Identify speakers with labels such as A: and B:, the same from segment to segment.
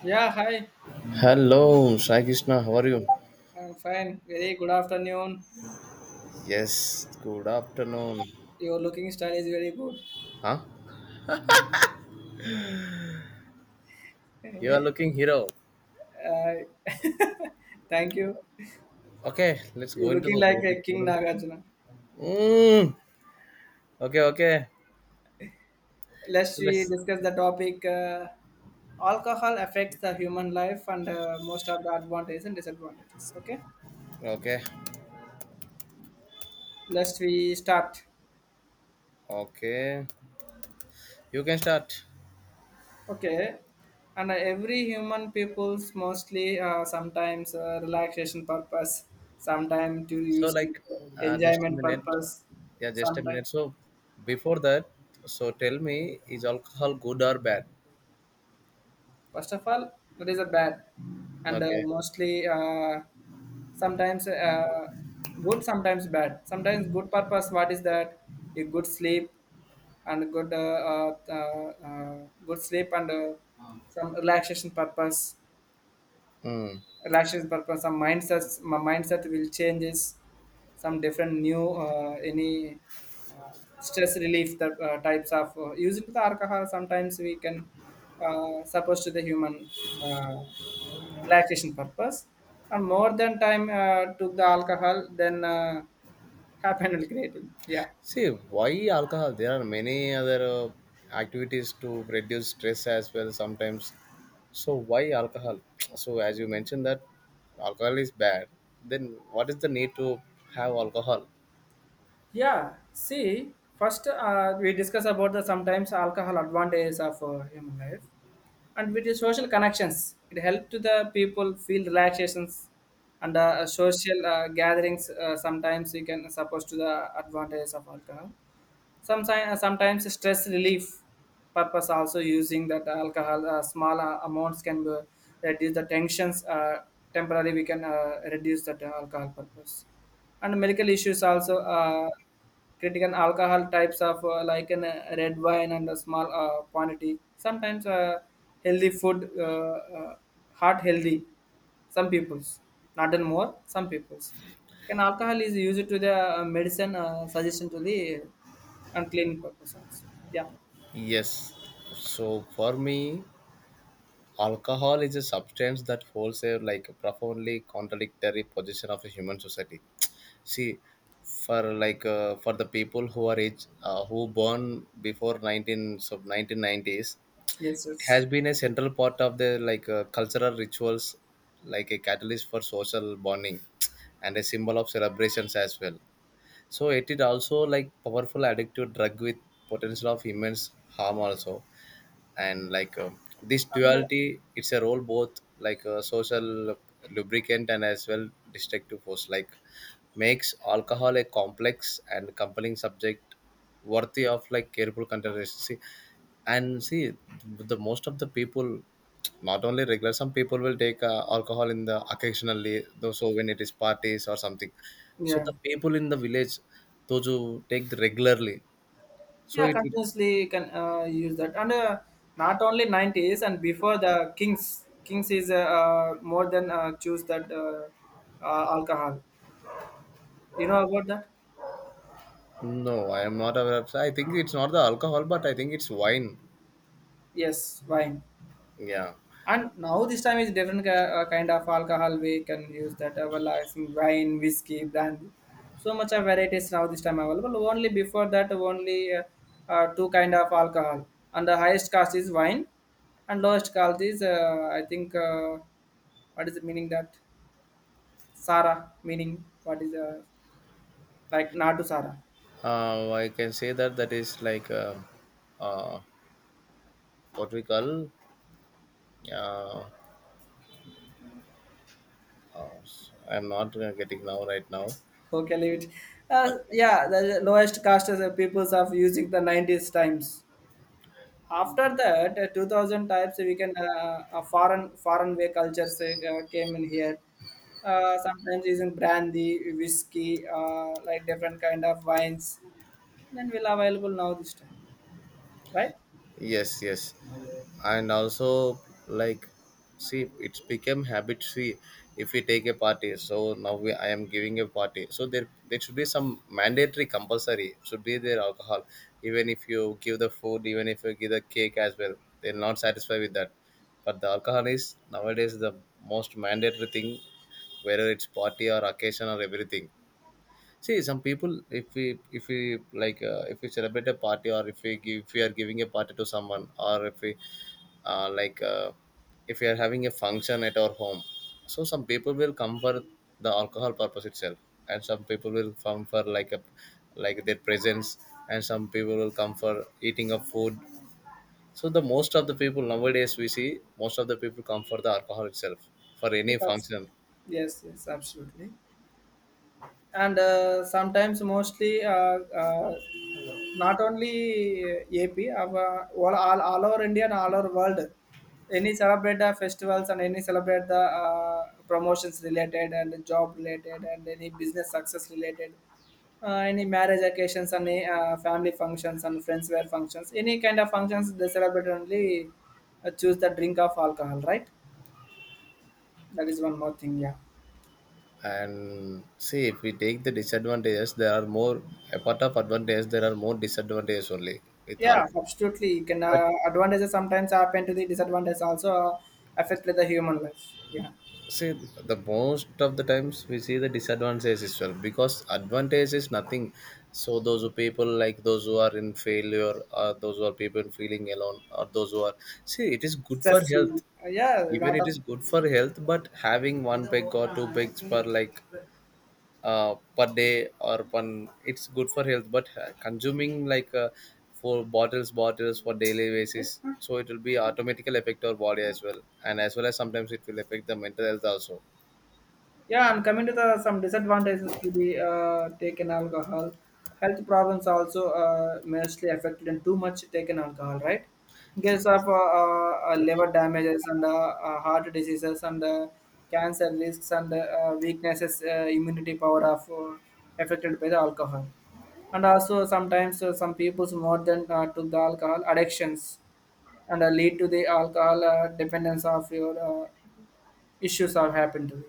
A: Yeah, hi.
B: Hello, Sai Krishna, how are you?
A: I'm fine. Very good afternoon.
B: Yes, good afternoon.
A: Your looking style is very good.
B: Huh? You are looking hero.
A: Uh, Thank you.
B: Okay, let's go
A: You're
B: into
A: looking
B: the.
A: like a King Nagarjuna.
B: Mm, okay, okay.
A: Let's
B: So
A: we
B: let's.
A: discuss the topic. Alcohol affects the human life, and most of the advantages and disadvantages. Okay.
B: Okay,
A: Let's we start.
B: okay. You can start.
A: Okay. And Every human people's mostly, sometimes, relaxation purpose, sometimes to
B: So,
A: use to
B: like, just a
A: enjoyment
B: minute.
A: purpose,
B: Yeah, just a
A: sometimes.
B: minute. So, before that, so tell me, is alcohol good or bad?
A: First of all, that is a bad, and
B: Okay.
A: mostly, sometimes, good, sometimes bad. Sometimes good purpose. What is that? A good sleep and good sleep and some relaxation purpose.
B: Hmm.
A: Relaxation purpose. Some mindsets. My mindset will changes. Some different new, any uh, stress relief, that types of using the alcohol sometimes we can, suppose to the human uh, relaxation purpose, and more than time took the alcohol, then happened creating, yeah.
B: See, why alcohol? There are many other activities to reduce stress as well sometimes. So, why alcohol? So, as you mentioned that alcohol is bad, then what is the need to have alcohol?
A: Yeah, see, first we discuss about the sometimes alcohol advantages of human life, and with the social connections it helps to the people feel relaxations, and social gatherings, sometimes we can suppose to the advantages of alcohol. Sometimes stress relief purpose also, using that alcohol, small amounts can be, reduce the tensions, temporarily we can reduce that alcohol purpose. And medical issues also, critical alcohol types of, like an red wine and a small quantity, sometimes healthy food, uh, heart healthy, some people's, not in more, some people's, can alcohol is used to the medicine suggestion to the, and cleaning purpose also. Yeah.
B: Yes. So, for me, alcohol is a substance that holds a like profoundly contradictory position of a human society. See, for for the people who are age who born before 19 so 1990s,
A: Yes,
B: it
A: yes.
B: has been a central part of the cultural rituals, like a catalyst for social bonding and a symbol of celebrations as well. So it is also like powerful addictive drug with potential of immense harm also. And this
A: And,
B: duality, it's a role both like a social lubricant and as well destructive force, like makes alcohol a complex and compelling subject worthy of like careful consideration. See, and see, the most of the people not only regular, some people will take alcohol in the occasionally though, so when it is parties or something, so
A: yeah,
B: the people in the village, those who take the regularly, so
A: yeah,
B: it.
A: continuously can use that. And not only 90s, and before the Kings, Kings is more than choose that alcohol. You know about that?
B: No, I am not aware of. I think it's not the alcohol, but I think it's wine.
A: Yes, wine.
B: Yeah,
A: And now this time is different kind of alcohol we can use, that available as in wine, whiskey, brandy. So much of varieties now this time available. Only before that, only two kind of alcohol. And the highest cost is wine, and lowest cost is, I think, what is the meaning that Sara meaning, what is, like not to Sara.
B: I can say that that is uh, what we call. Uh, uh, I'm not getting now right now.
A: Okay, leave it.
B: Okay.
A: Yeah, the lowest cost is the peoples of using the 90s times. After that, 2000 types we can, foreign way cultures came in here. Sometimes using brandy, whiskey, like different kind of wines. Then will available now this time, right?
B: Yes, yes, and also like see, it's become habit. See, if we take a party, so now we, I am giving a party, so there should be some mandatory compulsory should be there alcohol, even if you give the food, even if you give the cake as well, they're not satisfied with that, but the alcohol is nowadays the most mandatory thing, whether it's party or occasion or everything. See, some people, if we, if we celebrate a party, or if we give, if we are giving a party to someone, or if we uh, like uh, if we are having a function at our home, so some people will come for the alcohol purpose itself, and some people will come for like a like their presence, and some people will come for eating of food. So the most of the people nowadays we see, most of the people come for the alcohol itself for any
A: Yes, absolutely.
B: function.
A: Yes, yes, absolutely. And sometimes mostly, uh, not only AP, our, all over India and all over world. Any celebrate the festivals, and any celebrate the promotions related, and job related, and any business success related, any marriage occasions, and any, family functions, and friends wear functions. Any kind of functions they celebrate, only choose the drink of alcohol, right? That is one more thing, yeah.
B: And see if we take the disadvantages, there are more apart of advantages, there are more disadvantages only with all,
A: Yeah, absolutely. You can,
B: but
A: advantages sometimes happen to the disadvantage also, affect the human life. Yeah.
B: see, the most of the times we see the disadvantages as well, because advantage is nothing. So those who people like, those who are in failure, or those who are people feeling alone, or those who are, see it is good for health,
A: Stressful. Yeah, a
B: even
A: lot
B: it
A: of.
B: is good for health, but having one peg or two pegs per per day or one, it's good for health, but consuming four bottles for daily basis, so it will be automatically affect our body as well, and as well as sometimes it will affect the mental health also.
A: Yeah, and coming to the some disadvantages to be taken alcohol. Health problems also, mostly affected, and too much taken alcohol, right? In case
B: Yes.
A: of, liver damages, and heart diseases, and cancer risks, and weaknesses, immunity power of affected by the alcohol. And also sometimes, some people's more than to the alcohol addictions, and lead to the alcohol dependence of your issues have happened to me.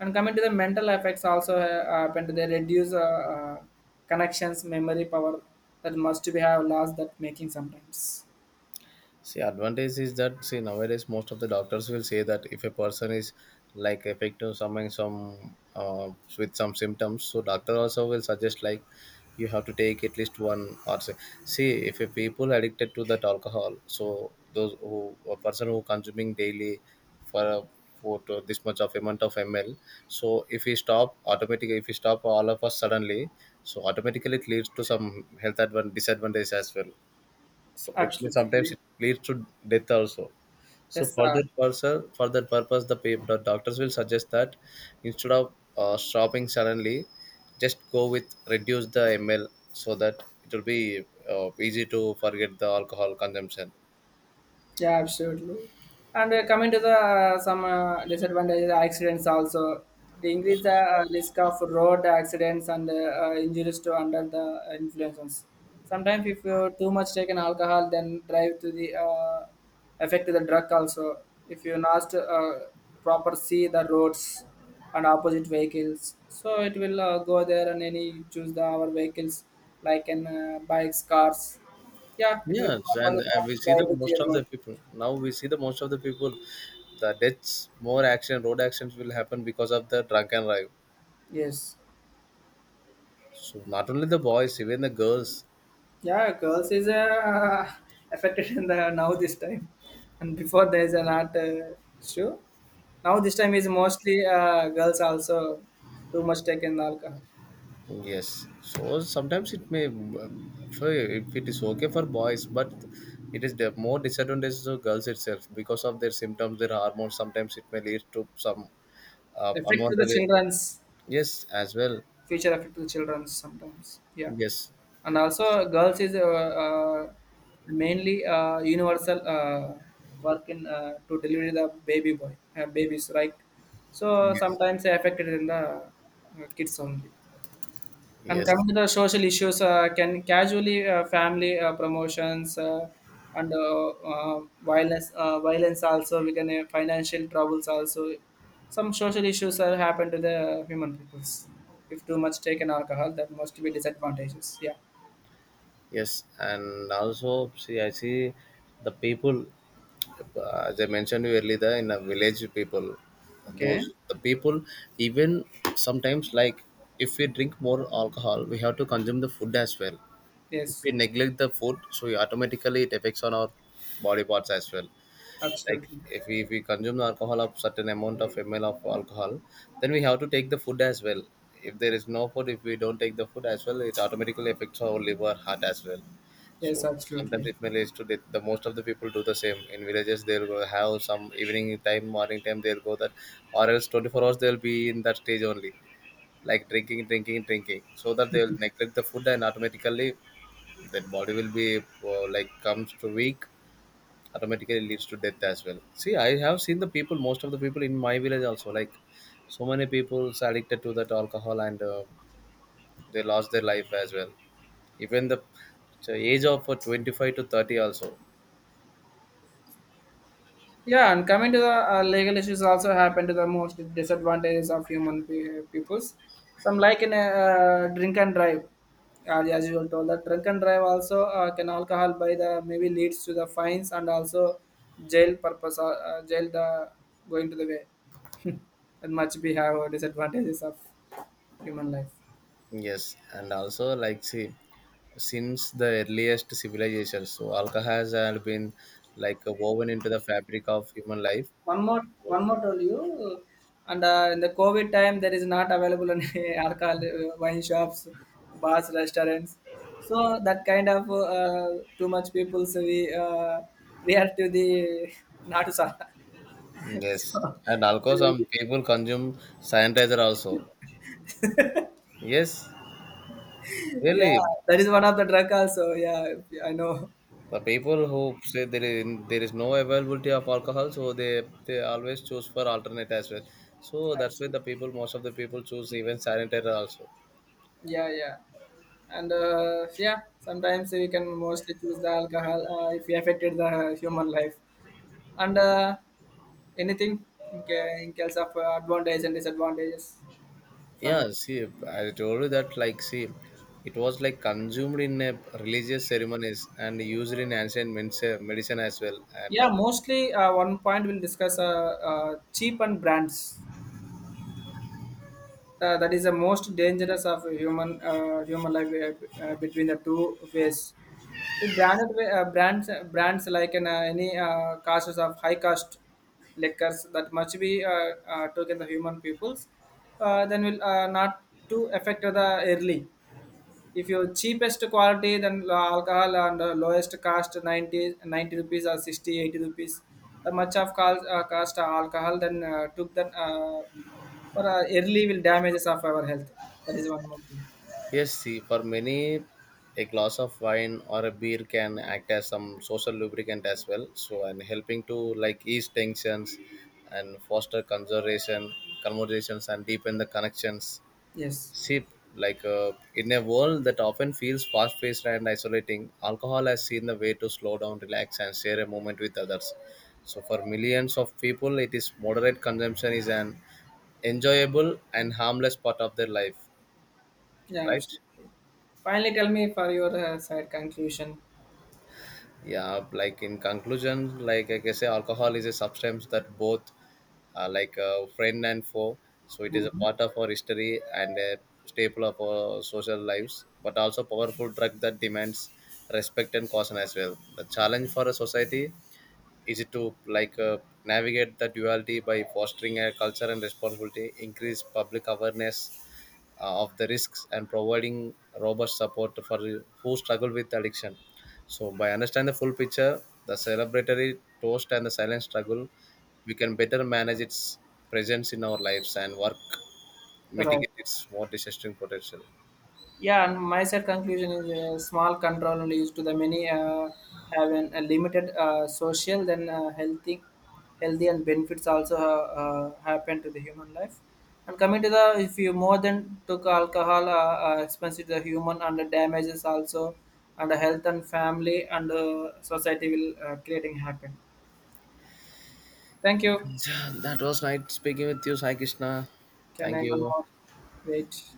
A: And coming to the mental effects also, happen to, they reduce, connections, memory power, that must be have lost, that making sometimes.
B: See, advantage is that, see nowadays most of the doctors will say that if a person is like affected something some with some symptoms, so doctor also will suggest like you have to take at least one, or say, see if a people addicted to that alcohol, so those who a person who consuming daily for a for to this much of amount of ml, so if we stop automatically, if we stop all of us suddenly, so automatically it leads to some health disadvantage as well. So it means sometimes
A: Absolutely.
B: it leads to death also. So
A: Yes,
B: for that person, for that purpose, the people, the doctors will suggest that instead of stopping suddenly, just go with reduce the ml, so that it will be easy to forget the alcohol consumption.
A: yeah, absolutely. And coming to the some disadvantages, accidents also. They increase the risk of road accidents, and injuries to under the influences. Sometimes if you too much taken alcohol, then drive to the, affect to the drug also. If you not, proper see the roads and opposite vehicles, so it will go there, and any choose the our vehicles, like in bikes, cars. Yeah, it will
B: Yes, and,
A: properly
B: and
A: not
B: we see the
A: drive to
B: most
A: the
B: of the
A: road.
B: people now. We see the most of the people, the deaths, more accident, road accidents will happen because of the drunk and drive.
A: Yes.
B: So not only the boys, even the girls,
A: Yeah, girls is affected in the now this time, and before there is an art show. Now this time is mostly girls also too much taken alcohol.
B: yes, so sometimes it may, if it is okay for boys, but it is the more disadvantage to girls itself because of their symptoms, their hormones. Sometimes it may lead to some
A: Affect to the
B: unwanted.
A: childrens,
B: Yes, as well.
A: future affect to the childrens sometimes. Yeah,
B: Yes,
A: and
B: if it
A: also
B: is,
A: girls is, mainly universal work in to deliver the baby boy babies, right. So
B: yes,
A: sometimes they affected in the kids only. And
B: yes,
A: coming to the social issues, can casually family promotions, and violence, violence also we can, financial troubles also. Some social issues that happen to the human peoples. If too much taken alcohol, that must be disadvantages. Yeah.
B: yes, and also see, I see the people. As I mentioned you earlier, in a village people,
A: Okay.
B: those the people, even sometimes like if we drink more alcohol, we have to consume the food as well. If
A: Yes.
B: we neglect the food, so we automatically it affects on our body parts as well. Like
A: Absolutely.
B: if we consume the alcohol of certain amount of ml of alcohol, then we have to take the food as well. If there is no food, if we don't take the food as well, it automatically affects our liver, heart as well.
A: Yes.
B: So sometimes
A: Absolutely.
B: it may lead to death. The most of the people do the same in villages. They'll go have some evening time, morning time. They'll go that, or else 24 hours they'll be in that stage only, like drinking, drinking, drinking, so that they'll neglect the food, and automatically that body will be like comes to weak. Automatically leads to death as well. See, I have seen the people, most of the people in my village also, like so many people addicted to that alcohol, and they lost their life as well. Even the so age of 25 to 30 also.
A: Yeah, and coming to the legal issues also happen to the most disadvantages of human peoples. Some like in a drink and drive, as you were told that drink and drive also, can alcohol by the maybe leads to the fines, and also jail purpose, jail the going to the way. And much we have disadvantages of human life.
B: Yes, and also like see, since the earliest civilizations, so alcohol has been woven into the fabric of human life.
A: One more told you, and in the COVID time, there is not available any alcohol, wine shops, bars, restaurants. So that kind of, too much people, so we, react to the not so.
B: Yes,
A: So
B: and alcohol some people consume sanitizer also. Yes,
A: yeah,
B: really,
A: that is one of the drug also. Yeah, I know.
B: the people who say there is no availability of alcohol, so they always choose for alternate as well. So that's why the
A: Absolutely.
B: people, most of the people choose even sanitizer also.
A: Yeah, yeah. And yeah, sometimes we can mostly choose the alcohol, if we affected the human life. And anything in, in case of advantage and disadvantages from it?
B: Yeah, see, I told you that, like, see, it was like consumed in religious ceremonies and used in ancient medicine as well. And
A: Yeah, mostly one point we'll discuss, cheap and brands. That is the most dangerous of human life, between the two ways. The branded way, brands like in, any causes of high cost liquors, that must be, taken the human peoples. Then will not to affect the early. If your cheapest quality, then alcohol, and lowest cost ninety rupees, or 60-80 rupees, the much of cost, cost alcohol, then took, then for early will damages of our health. That is one more thing.
B: Yes, see, for many, a glass of wine or a beer can act as some social lubricant as well. So, and helping to like ease tensions and foster conversations, and deepen the connections.
A: Yes.
B: Sip, in a world that often feels fast-paced and isolating, alcohol has seen the way to slow down, relax, and share a moment with others. So for millions of people, it is moderate consumption is an enjoyable and harmless part of their life,
A: Yeah,
B: right?
A: absolutely. Finally tell me for your side conclusion.
B: Yeah, like in conclusion, like I can say alcohol is a substance that both like a friend and foe. So it is a
A: Mhm.
B: part of our history and a staple of our social lives, but also powerful drug that demands respect and caution as well. The challenge for a society easy to navigate the duality by fostering a culture and responsibility, increase public awareness of the risks, and providing robust support for who struggle with addiction. So by understanding the full picture, the celebratory toast and the silent struggle, we can better manage its presence in our lives and work
A: Right.
B: mitigate its more disastrous potential.
A: Yeah, and my side conclusion is a small control leads to the many, have an, a limited social, then healthy, healthy and benefits also, happen to the human life. And coming to the, if you more than took alcohol, expensive to the human, and the damages also, and the health, and family, and society will creating happen. Thank you.
B: Yeah, that was nice speaking with you, Sai Krishna.
A: Can
B: Thank
A: I
B: you.
A: one more? Wait.